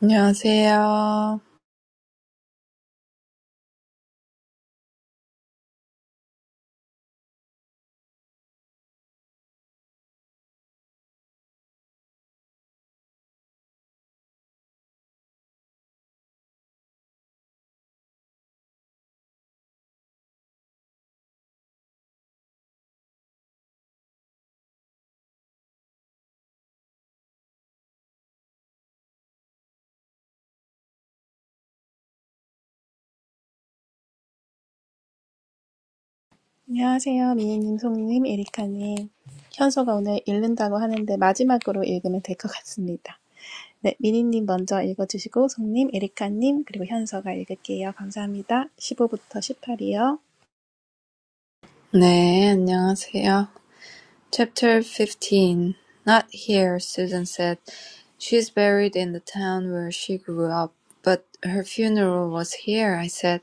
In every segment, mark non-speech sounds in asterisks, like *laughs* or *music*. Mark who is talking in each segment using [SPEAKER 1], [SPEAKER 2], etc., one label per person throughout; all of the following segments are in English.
[SPEAKER 1] 안녕하세요.
[SPEAKER 2] 안녕하세요. 미니님, 송님, 에리카님. 현서가 오늘 읽는다고 하는데 마지막으로 읽으면 될 것 같습니다. 네, 미니님 먼저 읽어주시고, 송님, 에리카님, 그리고 현서가 읽을게요. 감사합니다. 15부터 18이요.
[SPEAKER 1] 네, 안녕하세요. Chapter 15. Not here, Susan said. She's buried in the town where she grew up. But her funeral was here, I said,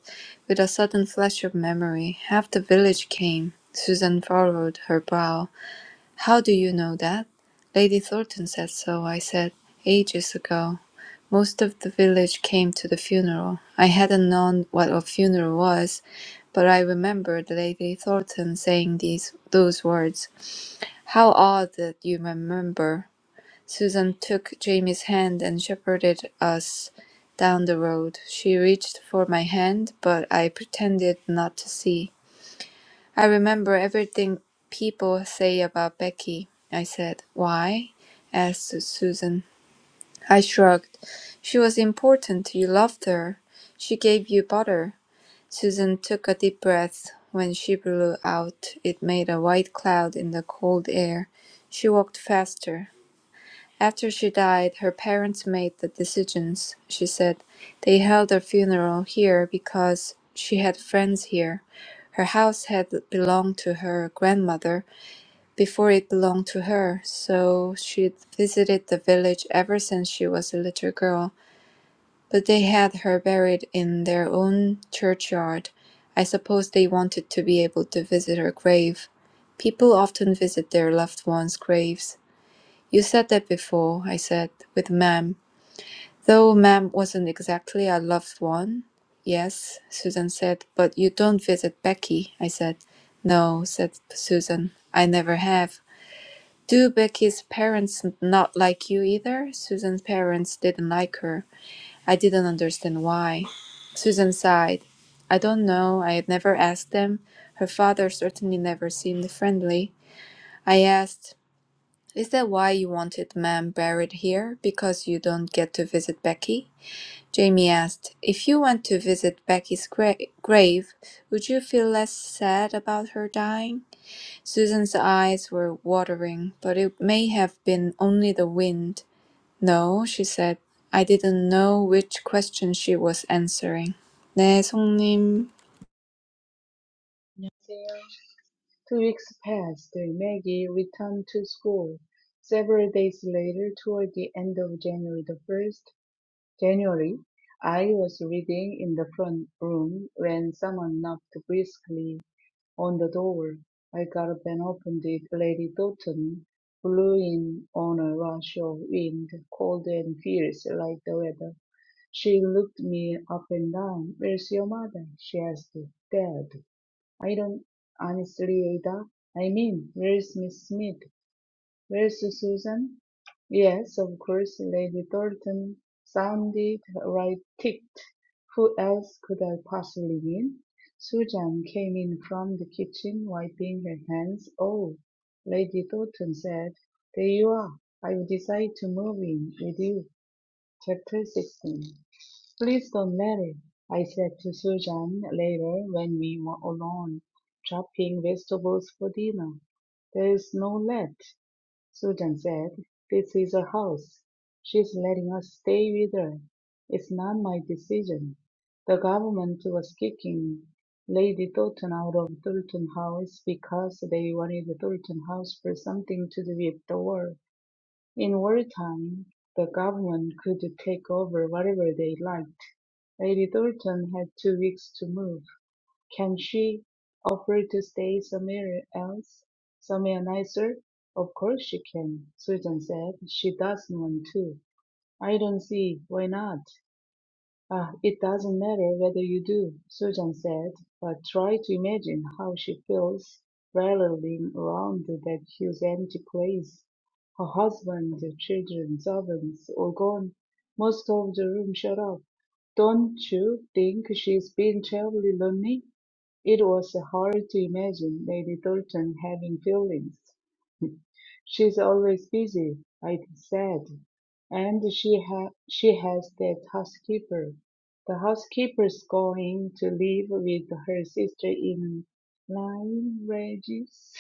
[SPEAKER 1] with a sudden flash of memory. Half the village came. Susan furrowed her brow. "How do you know that?" "Lady Thornton said so," I said, "ages ago. Most of the village came to the funeral. I hadn't known what a funeral was, but I remembered Lady Thornton saying these those words. How odd that you remember." Susan took Jamie's hand and shepherded us down the road. She reached for my hand, but I pretended not to see. "I remember everything people say about Becky," I said. "Why?" asked Susan. I shrugged. "She was important. You loved her. She gave you butter." Susan took a deep breath. When she blew out, it made a white cloud in the cold air. She walked faster. After she died, her parents made the decisions, she said. They held her funeral here because she had friends here. Her house had belonged to her grandmother before it belonged to her, so she'd visited the village ever since she was a little girl. But they had her buried in their own churchyard. I suppose they wanted to be able to visit her grave. People often visit their loved ones' graves. You said that before, I said, with Mem. Though Mem wasn't exactly our loved one. Yes, Susan said, but you don't visit Becky, I said. No, said Susan, I never have. Do Becky's parents not like you either? Susan's parents didn't like her. I didn't understand why. Susan sighed. I don't know, I had never asked them. Her father certainly never seemed friendly. I asked is that why you wanted ma'am buried here, because you don't get to visit Becky? Jamie asked. If you went to visit Becky's gra- grave, would you feel less sad about her dying? Susan's eyes were watering, but it may have been only the wind. No, she said. I didn't know which question she was answering. 네, 송님.
[SPEAKER 3] 안녕하세요. Two weeks passed. Maggie returned to school. Several days later, toward the end of January the 1st, January, I was reading in the front room when someone knocked briskly on the door. I got up and opened it. Lady Doughton blew in on a rush of wind, cold and fierce like the weather. She looked me up and down. Where's your mother? she asked. Dead. I don't honestly, Ada. I mean, where's Miss Smith? Where's Susan? Yes, of course, Lady Thornton sounded right ticked. Who else could I possibly mean? Susan came in from the kitchen, wiping her hands. Oh, Lady Thornton said, there you are. I've decided to move in with you. Chapter 16. "Please don't let it," I said to Susan later when we were alone chopping vegetables for dinner. "There's no let," Susan said. "This is her house. She's letting us stay with her. It's not my decision. The government was kicking Lady Thornton out of Thornton House because they wanted the Thornton House for something to do with the war. In wartime, the government could take over whatever they liked. Lady Thornton had two weeks to move. Can she offer to stay somewhere else, somewhere nicer? Of course she can, Susan said. She doesn't want to. I don't see why not. "Ah, it doesn't matter whether you do," Susan said, "but try to imagine how she feels rattling around that huge empty place. Her husband, the children, servants, all gone, most of the room shut up. Don't you think she's been terribly lonely?" It was hard to imagine Lady Thornton having feelings. She's always busy, like I said, and she ha she has that housekeeper. The housekeeper's going to live with her sister in Lyme Regis.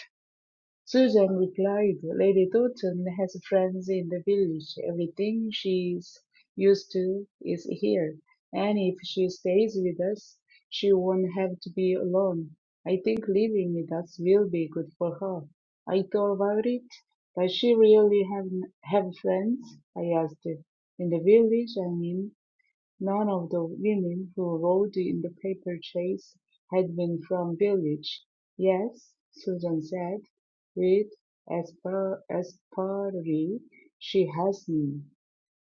[SPEAKER 3] Susan replied, Lady Thornton has friends in the village, everything she's used to is here, and if she stays with us, she won't have to be alone. I think living with us will be good for her. I thought about it. Does she really have have friends? I asked. In the village, I mean. None of the women who rode in the paper chase had been from village. Yes, Susan said, with asper- asperity. She has me.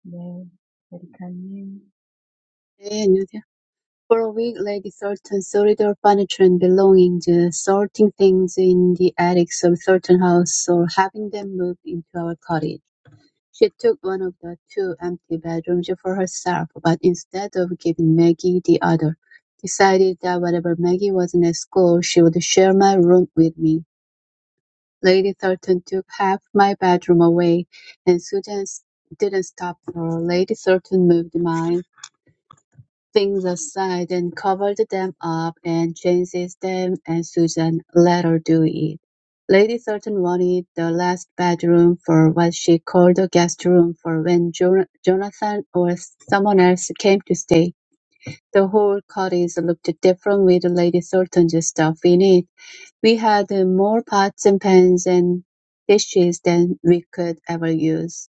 [SPEAKER 3] 네, 에리카님.
[SPEAKER 4] For a week, Lady Thornton sorted her furniture and belongings, sorting things in the attics of Thornton House or having them moved into our cottage. She took one of the two empty bedrooms for herself, but instead of giving Maggie the other, decided that whenever Maggie wasn't at school, she would share my room with me. Lady Thornton took half my bedroom away, and Susan s- didn't stop her. Lady Thornton moved mine things aside and covered them up and changed them, and Susan let her do it. Lady Thornton wanted the last bedroom for what she called the guest room for when Jo- Jonathan or someone else came to stay. The whole cottage looked different with Lady Thornton's stuff in it. We had more pots and pans and dishes than we could ever use.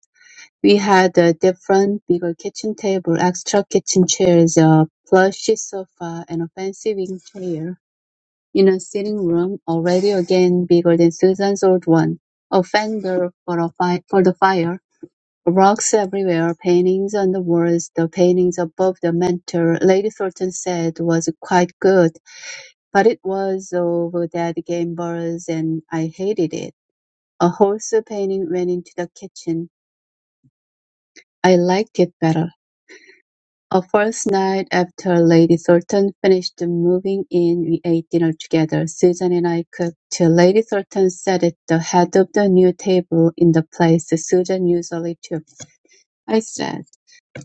[SPEAKER 4] We had a different, bigger kitchen table, extra kitchen chairs, a plushy sofa, and a fancy wing chair. In a sitting room, already again bigger than Susan's old one, a fender for, a fi- for the fire, rocks everywhere, paintings on the walls, the paintings above the mantel, Lady Thornton said was quite good, but it was of dead Gambler's and I hated it. A horse painting went into the kitchen. I liked it better. A first night after Lady Thornton finished moving in we ate dinner together. Susan and I cooked till Lady Thornton sat at the head of the new table in the place Susan usually took. I said.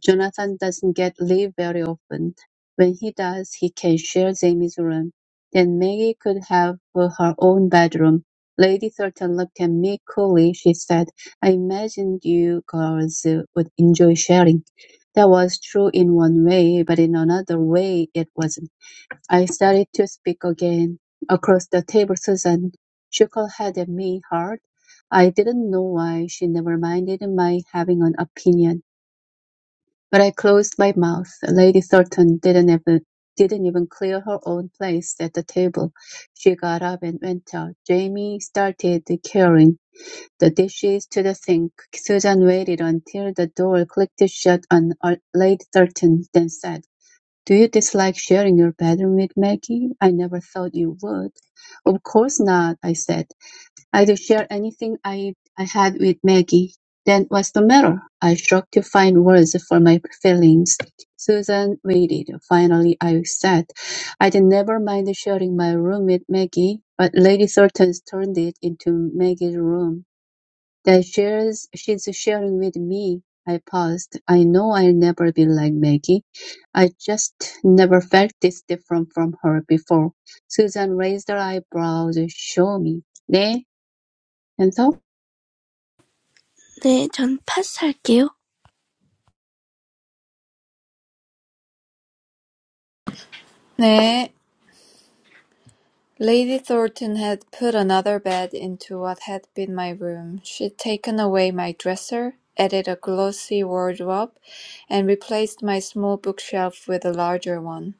[SPEAKER 4] Jonathan doesn't get leave very often. When he does, he can share Jamie's room. Then Maggie could have her own bedroom. Lady Thornton looked at me coolly. She said, I imagined you girls would enjoy sharing. That was true in one way, but in another way it wasn't. I started to speak again. Across the table, Susan shook her head at me hard. I didn't know why she never minded my having an opinion. But I closed my mouth. Lady Thornton didn't even didn't even clear her own place at the table. She got up and went out. Jamie started carrying the dishes to the sink. Susan waited until the door clicked shut on uh, Lady Thornton, then said, "Do you dislike sharing your bedroom with Maggie? I never thought you would." "Of course not," I said. I'd share anything I, I had with Maggie. Then what's the matter? I struggled to find words for my feelings. Susan waited. Finally, I said, I'd never mind sharing my room with Maggie, but Lady Thornton's turned it into Maggie's room. That shares, she's sharing with me. I paused. I know I'll never be like Maggie. I just never felt this different from her before. Susan raised her eyebrows. Show me. 네, 현서?
[SPEAKER 2] 네, 전 패스할게요.
[SPEAKER 1] 네, Lady Thornton had put another bed into what had been my room. She'd taken away my dresser, added a glossy wardrobe, and replaced my small bookshelf with a larger one.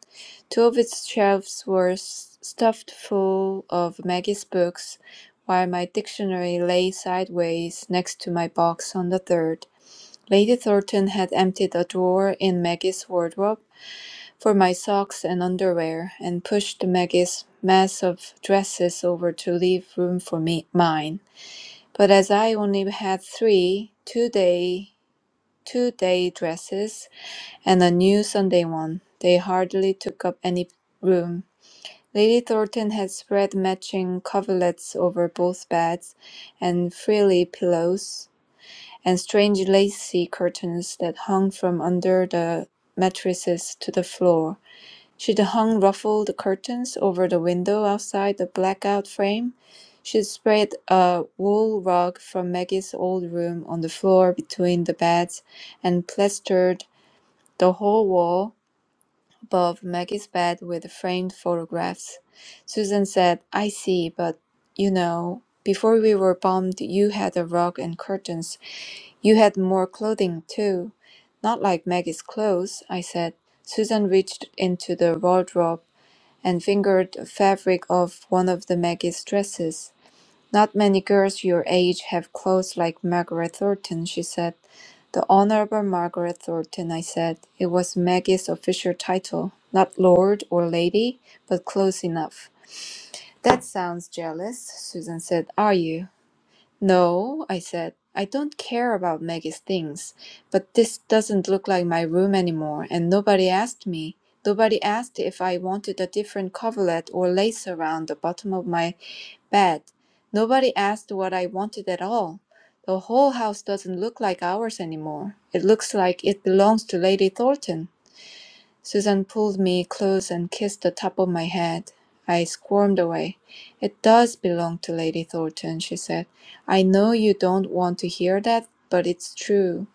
[SPEAKER 1] Two of its shelves were s- stuffed full of Maggie's books, while my dictionary lay sideways next to my box on the third. Lady Thornton had emptied a drawer in Maggie's wardrobe for my socks and underwear, and pushed Maggie's mass of dresses over to leave room for me mine. But as I only had three two-day two-day dresses and a new Sunday one, they hardly took up any room. Lady Thornton had spread matching coverlets over both beds, and frilly pillows, and strange lacy curtains that hung from under the mattresses to the floor She'd hung ruffled curtains over the window outside the blackout frame. She'd spread a wool rug from Maggie's old room on the floor between the beds and plastered the whole wall above Maggie's bed with framed photographs. Susan said, I see, but you know, before we were bombed, you had a rug and curtains. You had more clothing, too. Not like Maggie's clothes, I said. Susan reached into the wardrobe and fingered the fabric of one of the Maggie's dresses. Not many girls your age have clothes like Margaret Thornton, she said. The Honorable Margaret Thornton, I said. It was Maggie's official title. Not Lord or Lady, but close enough. That sounds jealous, Susan said. Are you? No, I said, I don't care about Maggie's things, but this doesn't look like my room anymore, and nobody asked me. Nobody asked if I wanted a different coverlet or lace around the bottom of my bed. Nobody asked what I wanted at all. The whole house doesn't look like ours anymore. It looks like it belongs to Lady Thornton. Susan pulled me close and kissed the top of my head. I squirmed away. "It does belong to Lady Thornton," she said. "I know you don't want to hear that, but it's true.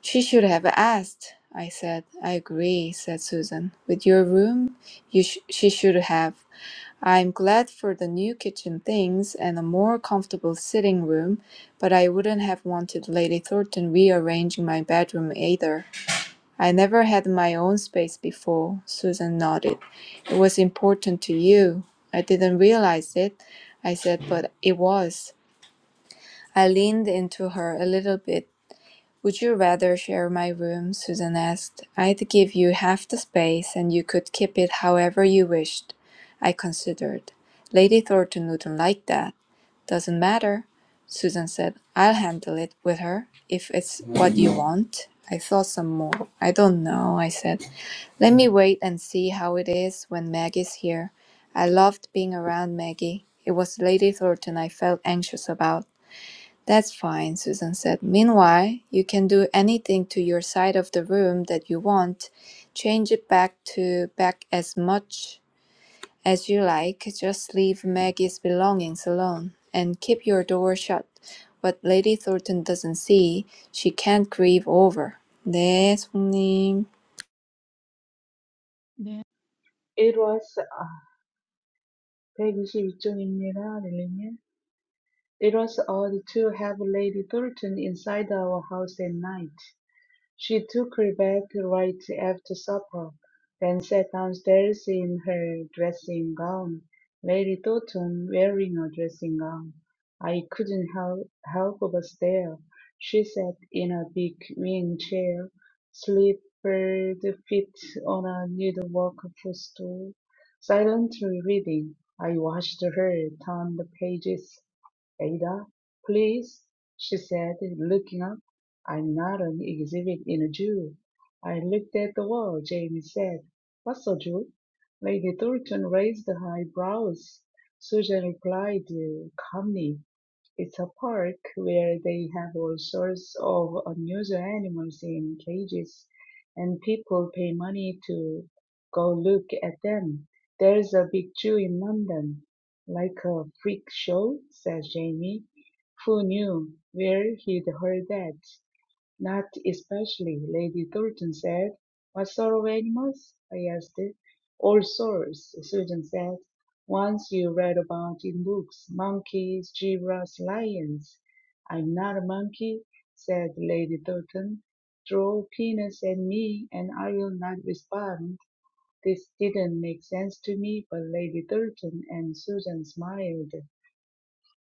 [SPEAKER 1] She should have asked," I said. "I agree," said Susan. "With your room, you sh- she should have. I'm glad for the new kitchen things and a more comfortable sitting room, but I wouldn't have wanted Lady Thornton rearranging my bedroom either. I never had my own space before. Susan nodded. It was important to you. I didn't realize it, I said, but it was. I leaned into her a little bit. Would you rather share my room? Susan asked. I'd give you half the space and you could keep it however you wished. I considered. Lady Thornton wouldn't like that. Doesn't matter. Susan said, I'll handle it with her if it's what you want. I thought some more. I don't know, I said. Let me wait and see how it is when Maggie's here. I loved being around Maggie. It was Lady Thornton I felt anxious about. That's fine, Susan said. Meanwhile, you can do anything to your side of the room that you want. Change it back to back as much as you like. Just leave Maggie's belongings alone and keep your door shut. What Lady Thornton doesn't see, she can't grieve over. 네, 손님.
[SPEAKER 3] It was 아, 122쪽입니다, 릴리님. It was odd to have Lady Thornton inside our house at night. She took her Rebecca right after supper, then sat downstairs in her dressing gown. Mary thought on wearing a dressing gown. I couldn't help, help but stare. She sat in a big wing chair, slippered feet on a needlework footstool, silently reading. I watched her turn the pages. Ada, please, she said, looking up. I'm not an exhibit in a Jew. I looked at the wall, Jamie said. What's a Jew? Lady Thornton raised her eyebrows. Susan replied uh, calmly, It's a park where they have all sorts of unusual animals in cages, and people pay money to go look at them. There's a big Jew in London. Like a freak show, said Jamie, who knew where he'd heard that. Not especially, Lady Thornton said. What sort of animals? I asked. All sorts, Susan said. Ones you read about in books, monkeys, giraffes, lions. I'm not a monkey, said Lady Thornton. Throw peanuts at me and I will not respond. This didn't make sense to me, but Lady Thornton and Susan smiled.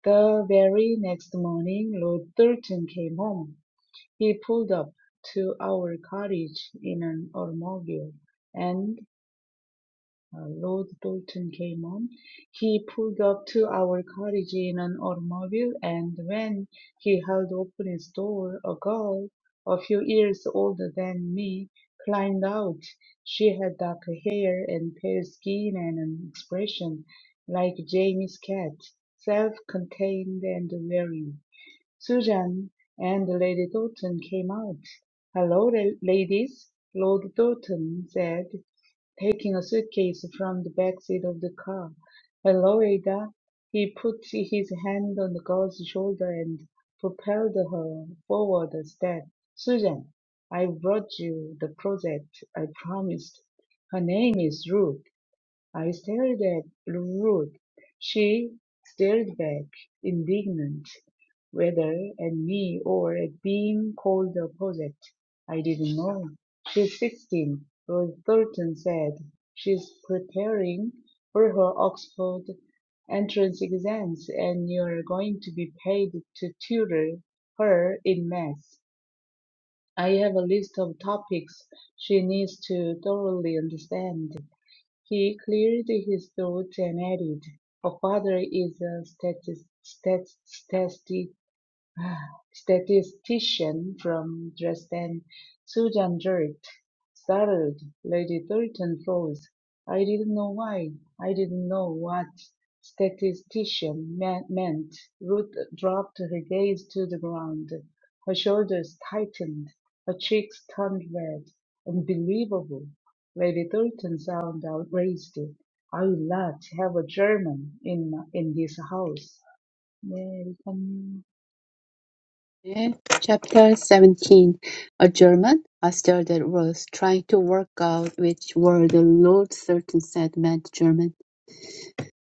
[SPEAKER 3] The very next morning, Lord Thornton came home. He pulled up to our cottage in an automobile, and uh, Lord Bolton came on. He pulled up to our cottage in an automobile, and when he held open his door, a girl, a few years older than me, climbed out. She had dark hair and pale skin and an expression like Jamie's cat, self-contained and wary. Susan and Lady Doughton came out. "Hello, la- ladies," Lord Doughton said, taking a suitcase from the back seat of the car. "Hello, Ada." He put his hand on the girl's shoulder and propelled her forward a step. "Susan, I brought you the project I promised. Her name is Ruth." I stared at Ruth. She stared back, indignant whether at me or at being called the opposite. I didn't know. She's 16, Rose Thornton said. She's preparing for her Oxford entrance exams and you're going to be paid to tutor her in maths. I have a list of topics she needs to thoroughly understand. He cleared his throat and added, Her father is a statis- stat- statistic Statistician from Dresden Susan Geert stated, Lady Thornton froze, I didn't know why, I didn't know what statistician me- meant. Ruth dropped her gaze to the ground. Her shoulders tightened, her cheeks turned red. Unbelievable. Lady Thornton sounded outraged. I will not have a German in, in this house. American.
[SPEAKER 4] Chapter 17 A German, after the Was trying to work out which word Lord Sultan said meant German.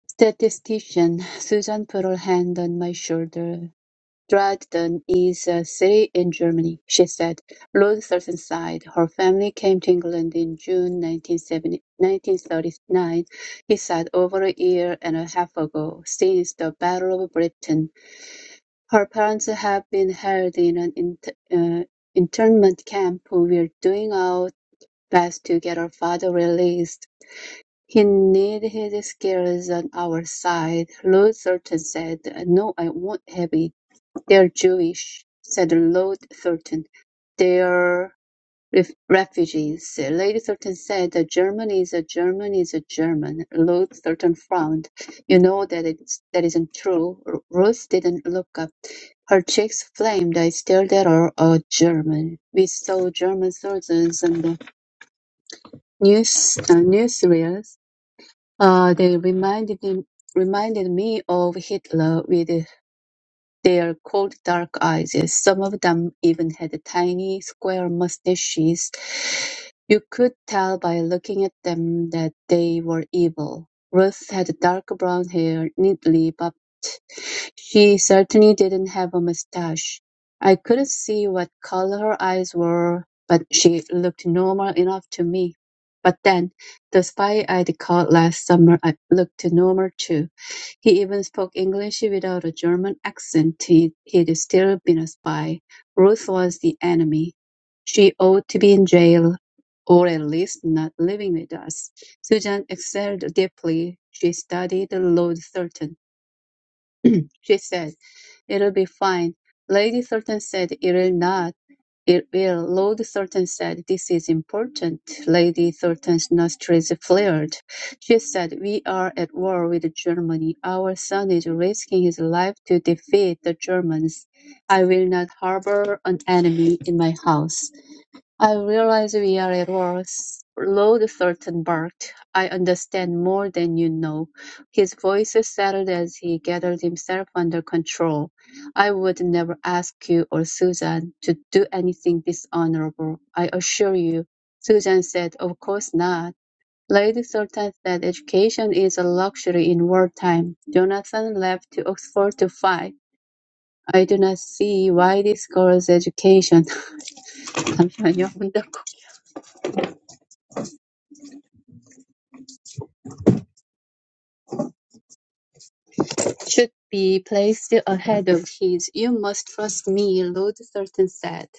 [SPEAKER 4] Statistician Susan put her hand on my shoulder. Dresden is a city in Germany, she said. Lord Sultan sighed. Her family came to England in June 1970 1939. He said over a year and a half ago, since the Battle of Britain. Her parents have been held in an int- uh, internment camp. We're doing our best to get her father released, he needs his skills on our side. Lord Thornton said, "No, I won't have it. They're Jewish," said Lord Thornton. "They're Ref- Refugees: Lady Thornton said, A German is a German is a German. Ruth Thornton frowned. You know that it's, that isn't true. Ru- Ruth didn't look up. Her cheeks flamed. I stared at her, a German. We saw German soldiers on the news, uh, newsreels. Uh, they reminded, him- reminded me of Hitler With they are called dark eyes. Some of them even had tiny, square mustaches. You could tell by looking at them that they were evil. Ruth had dark brown hair, neatly bobbed. She certainly didn't have a mustache. I couldn't see what color her eyes were, but she looked normal enough to me. But then, the spy I'd caught last summer I looked normal too. He even spoke English without a German accent. He- He'd still been a spy. Ruth was the enemy. She ought to be in jail, or at least not living with us. Susan excelled deeply. She studied Lord Thurton. She said, It'll be fine. Lady Thurton said it'll not. "It will," Lord Thornton said. "This is important." Lady Thornton's nostrils flared. She said, "We are at war with Germany. Our son is risking his life to defeat the Germans. I will not harbour an enemy in my house." I realize we are at war, s- Lord Thornton barked. I understand more than you know. His voice settled as he gathered himself under control. I would never ask you or Susan to do anything dishonorable, I assure you. Susan said, Of course not. Lady Thornton said education is a luxury in wartime. Jonathan left to Oxford to fight. I do not see why this girl's education. *laughs* 잠시만요. 문 닫고. *laughs* should be placed ahead of his "You must trust me," Lord Thornton said.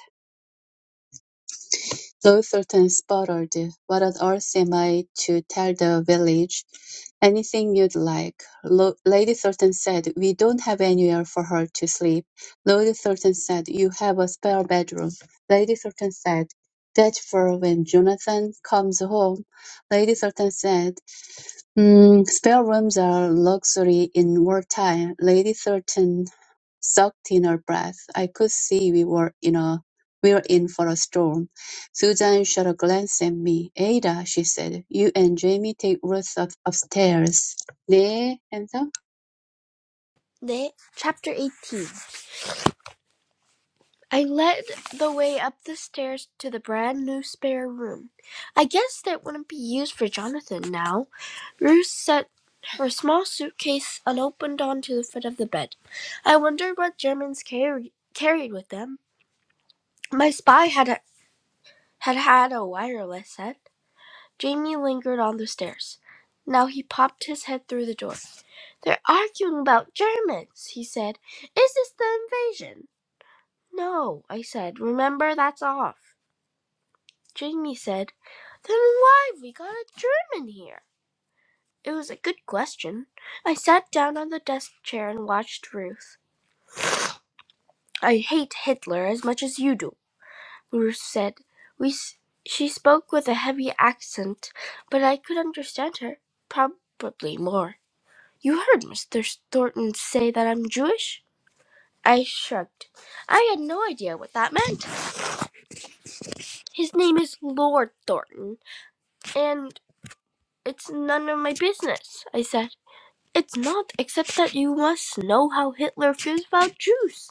[SPEAKER 4] Lord Thornton sputtered, "What on earth am I to tell the village? Anything you'd like." Lo- Lady Thornton said, "We don't have anywhere for her to sleep." Lord Thornton said, "You have a spare bedroom." Lady Thornton said, "That's for when Jonathan comes home." Lady Thornton said. Mm, spare rooms are luxury in wartime. Lady Thornton sucked in her breath. I could see we were in a we were in for a storm. Susan shot a glance at me. Ada, she said, you and Jamie take Ruth up, upstairs. 네, handsome.
[SPEAKER 2] 네, chapter 18. I led the way up the stairs to the brand new spare room. I guessed it wouldn't be used for Jonathan now. Ruth set her small suitcase unopened onto the foot of the bed. I wondered what Germans carry, carried with them. My spy had a, had had a wireless set. Jamie lingered on the stairs. Now he popped his head through the door. They're arguing about Germans, he said. Is this the invasion? No, I said. Remember, that's off. Jamie said, Then why have we got a German here? It was a good question. I sat down on the desk chair and watched Ruth. I hate Hitler as much as you do, Ruth said. We, she spoke with a heavy accent, but I could understand her, probably more. You heard Mr. Thornton say that I'm Jewish? I shrugged. I had no idea what that meant. His name is Lord Thornton, and it's none of my business, I said. It's not, except that you must know how Hitler feels about Jews.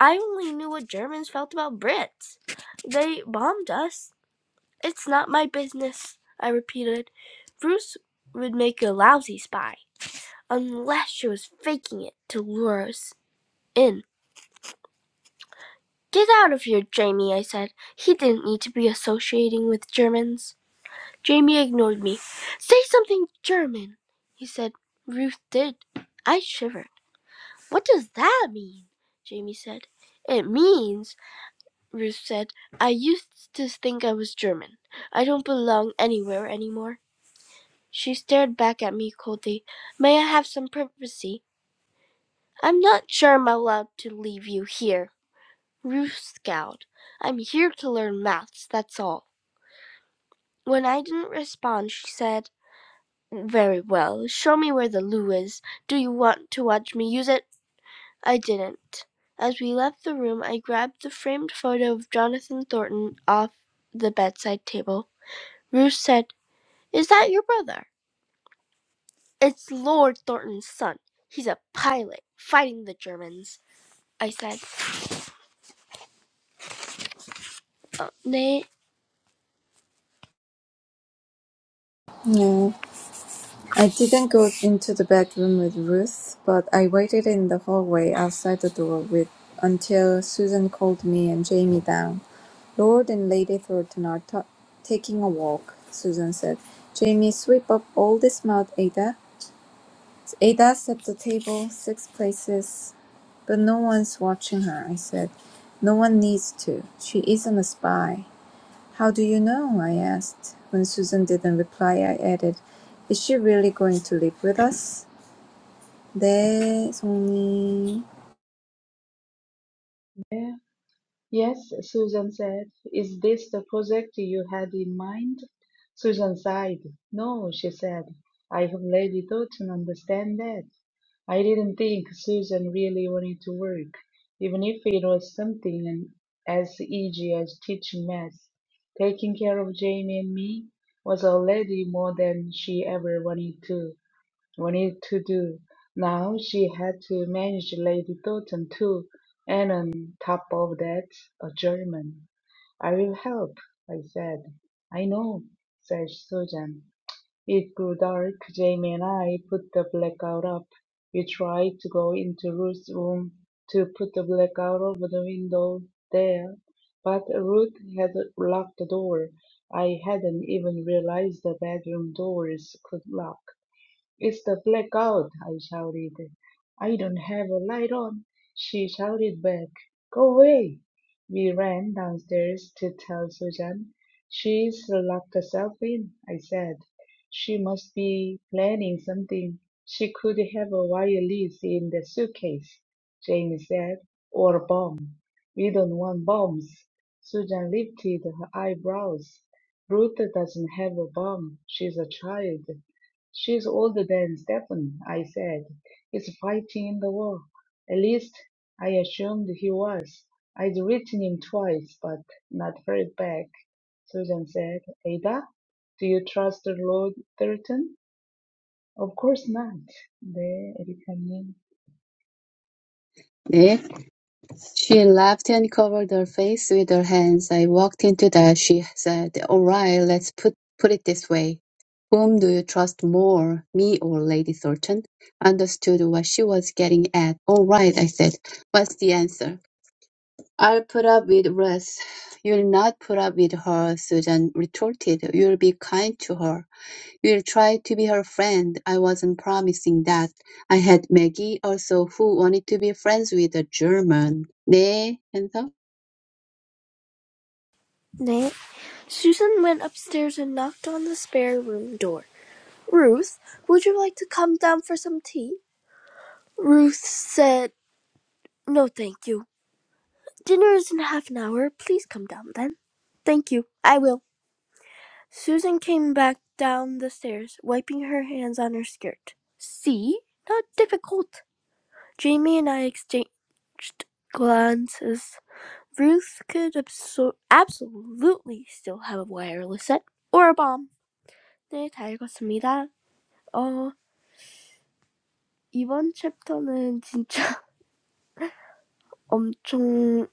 [SPEAKER 2] I only knew what Germans felt about Brits. They bombed us. It's not my business, I repeated. Bruce would make a lousy spy, unless she was faking it to lure us in. Get out of here, Jamie, I said. He didn't need to be associating with Germans. Jamie ignored me. Say something German, he said. Ruth did. I shivered. What does that mean? Jamie said. It means, Ruth said, I used to think I was German. I don't belong anywhere anymore. She stared back at me coldly. May I have some privacy? I'm not sure I'm allowed to leave you here. Ruth scowled. I'm here to learn maths, that's all. When I didn't respond, she said, Very well. Show me where the loo is. Do you want to watch me use it? I didn't. As we left the room, I grabbed the framed photo of Jonathan Thornton off the bedside table. Ruth said, Is that your brother? It's Lord Thornton's son. He's a pilot, fighting the Germans. I said, oh, Nay,
[SPEAKER 1] I didn't go into the bedroom with Ruth, but I waited in the hallway outside the door with until Susan called me and Jamie down. Lord and Lady Thornton are ta taking a walk, Susan said. Jamie, sweep up all this mud, Ada. Ada set the table six places, but no one's watching her, I said. No one needs to. She isn't a spy. How do you know? I asked. When Susan didn't reply, I added, Is she really going to live with us? 네, 송이.
[SPEAKER 3] Yes, Susan said. Is this the project you had in mind? Susan sighed. No, she said. I have already thought and understand that. I didn't think Susan really wanted to work, even if it was something as easy as teaching math. Taking care of Jamie and me was already more than she ever wanted to we need to do. Now she had to manage Lady Doughton too, and on top of that, a German. I will help, I said. I know, said Susan. It grew dark. Jamie and I put the blackout up. We tried to go into Ruth's room to put the blackout over the window there, but Ruth had locked the door. I hadn't even realized the bedroom doors could lock. It's the blackout, I shouted. I don't have a light on, she shouted back. Go away. We ran downstairs to tell Susan. She's locked herself in, I said. She must be planning something. She could have a wire lease in the suitcase, Jamie said, or a bomb. We don't want bombs. Susan lifted her eyebrows. Ruth doesn't have a bomb. She's a child. She's older than Stephen, I said. He's fighting in the war. At least I assumed he was. I'd written him twice, but not heard back. Susan said, Ada, do you trust Lord Thurton? Of course not. 네, 에리카님.
[SPEAKER 4] "네." She laughed and covered her face with her hands. "I walked into that," she said. "All right, let's put put it this way. Whom do you trust more, me or Lady Thornton?" Understood what she was getting at. "All right," I said. "What's the answer?" "I'll put up with Ruth." "You'll not put up with her," Susan retorted. "You'll be kind to her." Will tried to be her friend. I wasn't promising that. I had Maggie also who wanted to be friends with a German. 네, 해서
[SPEAKER 2] nay. Susan went upstairs and knocked on the spare room door. Ruth, would you like to come down for some tea? Ruth said, No, thank you. Dinner is in half an hour. Please come down then. Thank you. I will. Susan came back down the stairs, wiping her hands on her skirt. See? Not difficult. Jamie and I exchanged glances. Ruth could absor- absolutely still have a wireless set or a bomb. 네, 다 읽었습니다. 어, 이번 챕터는 진짜 엄청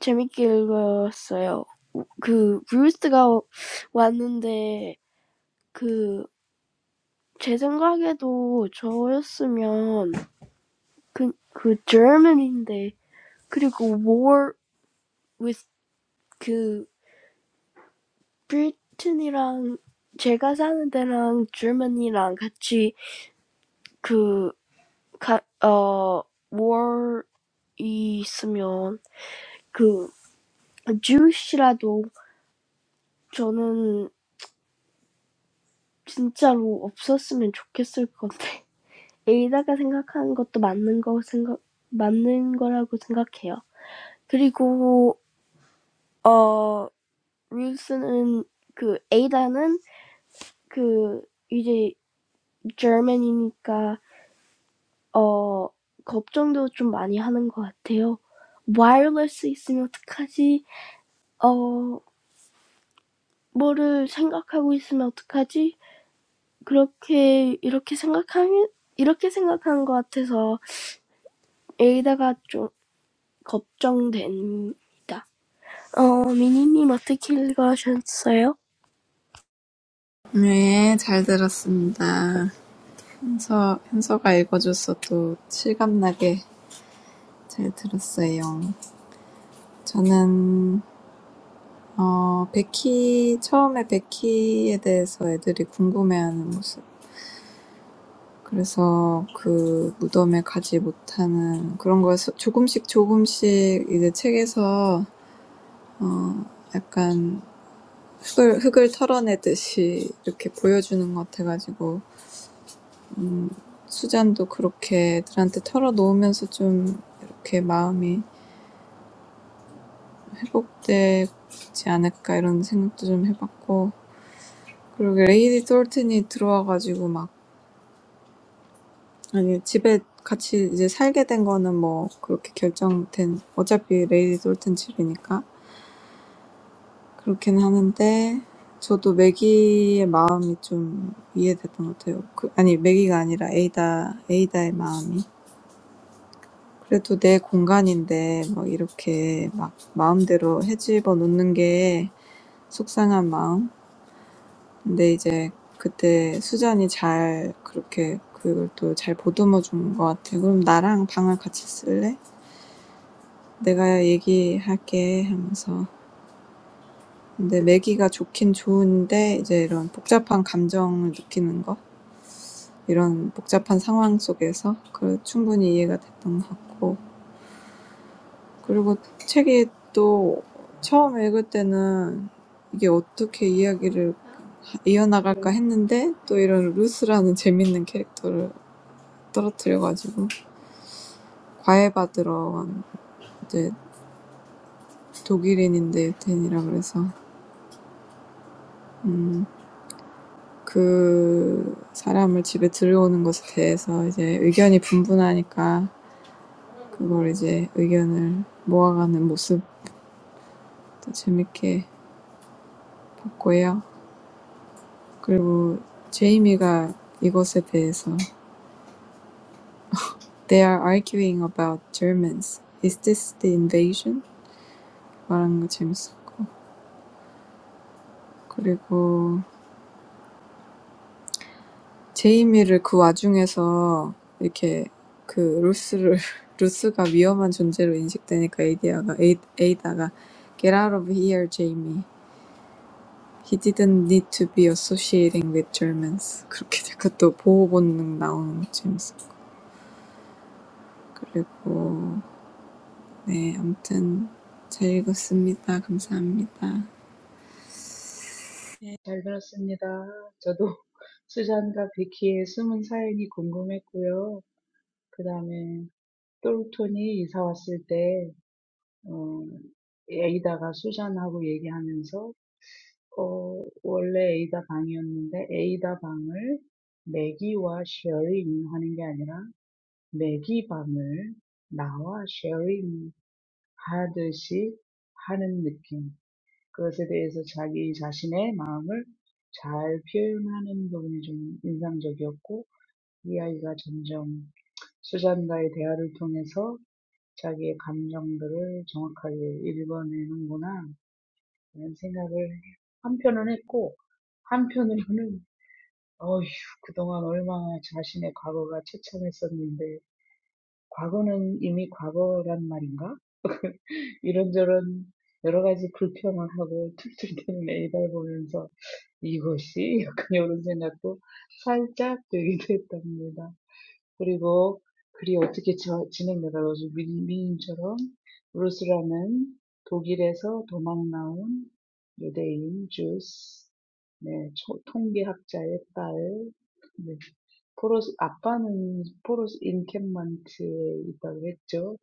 [SPEAKER 2] 재밌게 읽었어요. *laughs* 그 루스가 왔는데 그 제 생각에도 저였으면 그, 그 German인데 그리고 war with 그 Britain이랑 제가 사는 데랑 Germany랑 같이 그 가, 어, war 있으면 그 Jewish라도 저는 진짜로 없었으면 좋겠을 건데 *laughs* 에이다가 생각하는 것도 맞는 거 생각 맞는 거라고 생각해요. 그리고 어 루스는 그 에이다는 그 이제 German이니까 어 걱정도 좀 많이 하는 것 같아요. wireless 있으면 어떡하지? 어 뭐를 생각하고 있으면 어떡하지? 그렇게 이렇게 생각하면 이렇게 생각하는 것 같아서 에이다가 좀 걱정됩니다. 어 미니님 어떻게 읽으셨어요?
[SPEAKER 1] 네, 잘 들었습니다. 현서, 현서가 읽어줘서 또 실감나게 잘 들었어요. 저는, 어, 베키, 처음에 베키에 대해서 애들이 궁금해하는 모습. 그래서 그 무덤에 가지 못하는 그런 걸 조금씩 조금씩 이제 책에서, 어, 약간 흙을, 흙을 털어내듯이 이렇게 보여주는 것 같아가지고 음, 수잔도 그렇게 애들한테 털어놓으면서 좀 이렇게 마음이 회복되지 않을까 이런 생각도 좀 해봤고 그리고 레이디 톨튼이 들어와가지고 막 아니 집에 같이 이제 살게 된 거는 뭐 그렇게 결정된 어차피 레이디 톨튼 집이니까 그렇긴 하는데 저도 매기의 마음이 좀 이해됐던 것 같아요. 그, 아니 매기가 아니라 에이다 에이다의 마음이 그래도 내 공간인데 막 이렇게 막 마음대로 헤집어 놓는 게 속상한 마음. 근데 이제 그때 수잔이 잘 그렇게 그걸 또 잘 보듬어 준 것 같아. 그럼 나랑 방을 같이 쓸래? 내가 얘기할게 하면서. 근데 매기가 좋긴 좋은데 이제 이런 복잡한 감정을 느끼는 거, 이런 복잡한 상황 속에서 그 충분히 이해가 됐던 것 같고. 그리고 책이 또 처음 읽을 때는 이게 어떻게 이야기를 이어나갈까 했는데 또 이런 루스라는 재밌는 캐릭터를 떨어뜨려가지고 과외받으러 간 이제 독일인인데 덴이라 그래서 음, 그 사람을 집에 들여오는 것에 대해서 이제 의견이 분분하니까 그걸 이제 의견을 모아가는 모습도 재밌게 봤고요. 그리고 제이미가 이것에 대해서 They are arguing about Germans. Is this the invasion? 말하는 거 재밌었고. 그리고 제이미를 그 와중에서 이렇게 그 루스를 *laughs* 루스가 위험한 존재로 인식되니까 에이디아가 에이, 에이다가 Get out of here, Jamie. He didn't need to be associating with Germans. 그렇게 되고 또 보호 본능 나오는 거 재밌었고. 그리고 네, 아무튼 잘 읽었습니다. 감사합니다.
[SPEAKER 3] 네, 잘 들었습니다. 저도 *laughs* 수잔과 비키의 숨은 사연이 궁금했고요. 그 다음에 똘톤이 이사 왔을 때, 어, 에이다가 수잔하고 얘기하면서 어, 원래 에이다 방이었는데 에이다 방을 매기와 sharing 하는 게 아니라 매기 방을 나와 sharing 하듯이 하는 느낌. 그것에 대해서 자기 자신의 마음을 잘 표현하는 부분이 좀 인상적이었고 이 아이가 점점 수잔과의 대화를 통해서 자기의 감정들을 정확하게 읽어내는구나 이런 생각을 한편은 했고 한편으로는 Oh, that. 그리고 글이 어떻게 저- 진행되더라고요. 민- 민님처럼 루스라는 독일에서 도망 나온 유대인 주스, 네, 초- 통계학자의 딸, 네, 포로스, 아빠는 포로스 인캠먼트에 있다고 했죠.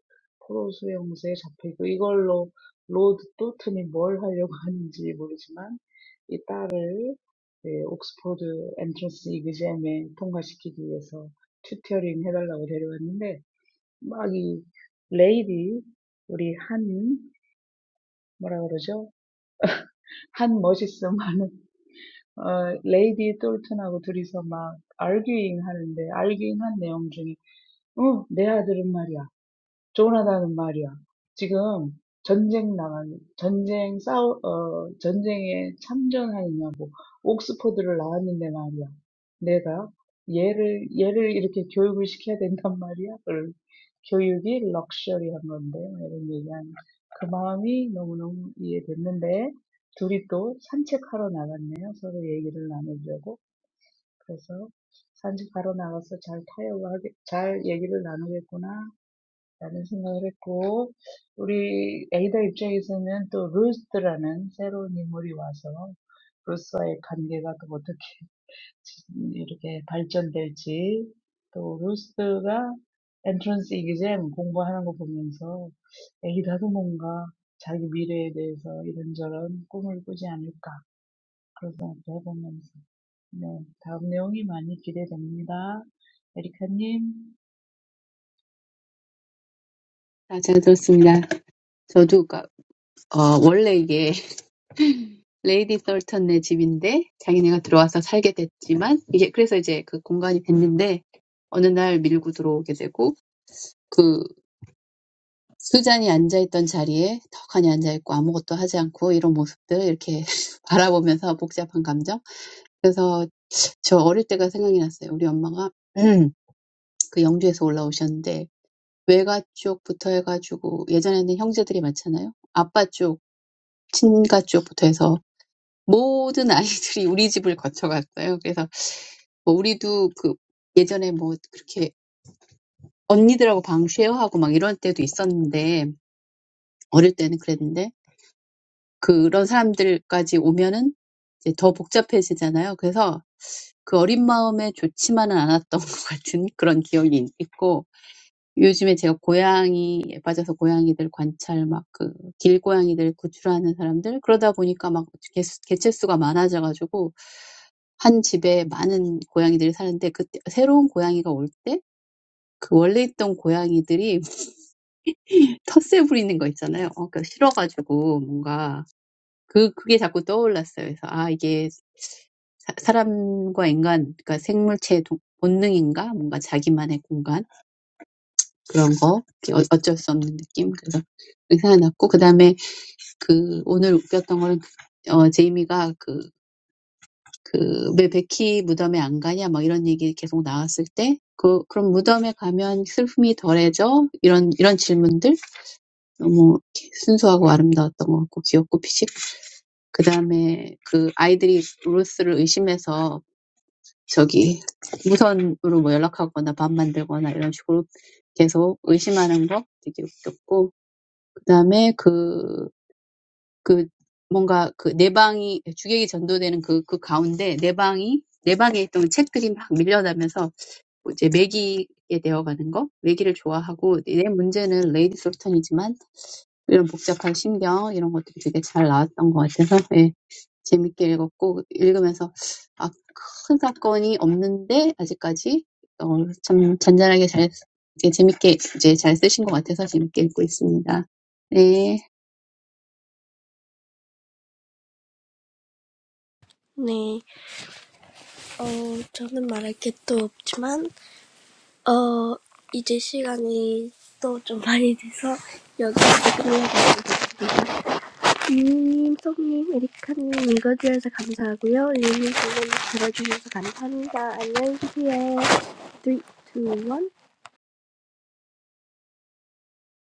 [SPEAKER 3] 포로스 형사에 잡혀있고, 이걸로 로드 또튼이 뭘 하려고 *laughs* 하는지 모르지만, 이 딸을 네, 옥스포드 엔트런스 이그잼에 통과시키기 위해서 튜토링 해달라고 데려왔는데 막 이 레이디 우리 한 뭐라 그러죠? 한 멋있음 하는 어 레이디 똘튼하고 둘이서 막 arguing 하는데 arguing 한 내용 중에 어 내 아들은 말이야 조나단은 말이야. 지금 전쟁 나간, 전쟁 싸우, 어, 전쟁에 참전하느냐고, 옥스퍼드를 나왔는데 말이야. 내가 얘를, 얘를 이렇게 교육을 시켜야 된단 말이야. 그걸 교육이 럭셔리한 건데, 뭐 이런 얘기하는 그 마음이 너무너무 이해됐는데, 둘이 또 산책하러 나갔네요. 서로 얘기를 나누려고. 그래서 산책하러 나가서 잘 타협을 하게, 잘 얘기를 나누겠구나 라는 생각을 했고, 우리 에이다 입장에서는 또 루스라는 새로운 인물이 와서 루스와의 관계가 또 어떻게 이렇게 발전될지, 또 루스가 엔트런스 이기잼 공부하는 거 보면서 에이다도 뭔가 자기 미래에 대해서 이런저런 꿈을 꾸지 않을까 그런 생각도 해보면서 네, 다음 내용이 많이 기대됩니다. 에리카님.
[SPEAKER 4] 다 잘 들었습니다. 저도 가- 어, 원래 이게 *laughs* 레이디 썰턴네 집인데 자기네가 들어와서 살게 됐지만 이게 그래서 이제 그 공간이 됐는데 어느 날 밀고 들어오게 되고 그 수잔이 앉아있던 자리에 턱하니 앉아있고 아무것도 하지 않고 이런 모습들 이렇게 *laughs* 바라보면서 복잡한 감정 그래서 저 어릴 때가 생각이 났어요. 우리 엄마가 *clears throat* 그 영주에서 올라오셨는데 외가 쪽부터 해가지고 예전에는 형제들이 많잖아요. 아빠 쪽, 친가 쪽부터 해서 모든 아이들이 우리 집을 거쳐갔어요. 그래서 뭐 우리도 그 예전에 뭐 그렇게 언니들하고 방 쉐어하고 막 이런 때도 있었는데 어릴 때는 그랬는데 그런 사람들까지 오면은 이제 더 복잡해지잖아요. 그래서 그 어린 마음에 좋지만은 않았던 *laughs* 것 같은 그런 기억이 있고 요즘에 제가 고양이에 빠져서 고양이들 관찰 막 그 길고양이들 구출하는 사람들 그러다 보니까 막 개수, 개체수가 많아져 가지고 한 집에 많은 고양이들이 사는데 그때 새로운 고양이가 올때그 원래 있던 고양이들이 *laughs* 텃세 부리는 거 있잖아요. 어, 그러니까 싫어 가지고 뭔가 그 그게 자꾸 떠올랐어요. 그래서 아 이게 사, 사람과 인간 그러니까 생물체의 동- 본능인가? 뭔가 자기만의 공간 그런 거 어- 어쩔 수 없는 느낌 그래서 의사 났고 그 다음에 그 오늘 웃겼던 거는 그- 어 제이미가 그그왜 베키 무덤에 안 가냐 막 이런 얘기 계속 나왔을 때 그, 그럼 무덤에 가면 슬픔이 덜해져? 이런, 이런 질문들? 너무 이렇게 순수하고 아름다웠던 것 같고, 귀엽고, 피식. 그 다음에 그 아이들이 루스를 의심해서 저기 무선으로 뭐 연락하거나 밥 만들거나 이런 식으로 계속 의심하는 거 되게 웃겼고, 그다음에 그, 그, 뭔가 그 내방이, 주객이 전도되는 그, 그 가운데 내방이, 내방에 있던 책들이 막 밀려나면서 이제 매기에 되어가는 거, 매기를 좋아하고, 내 문제는 레이디 솔턴이지만, 이런 복잡한 심경, 이런 것들이 되게 잘 나왔던 것 같아서, 예, 재밌게 읽었고, 읽으면서, 아, 큰 사건이 없는데, 아직까지, 어, 참 잔잔하게 잘, 이게 재밌게, 이제 잘 쓰신 것 같아서 재밌게 읽고 있습니다. 네.
[SPEAKER 2] 네, 어 저는 말할 게또 없지만 어, 이제 시간이 또 좀 많이 돼서 여기 끝내야겠습니다. 유님, 송님, 에리카님 읽어주셔서 감사하고요. 유님, 질문 들어주셔서 감사합니다. 안녕히 계세요. 3, 2, 1.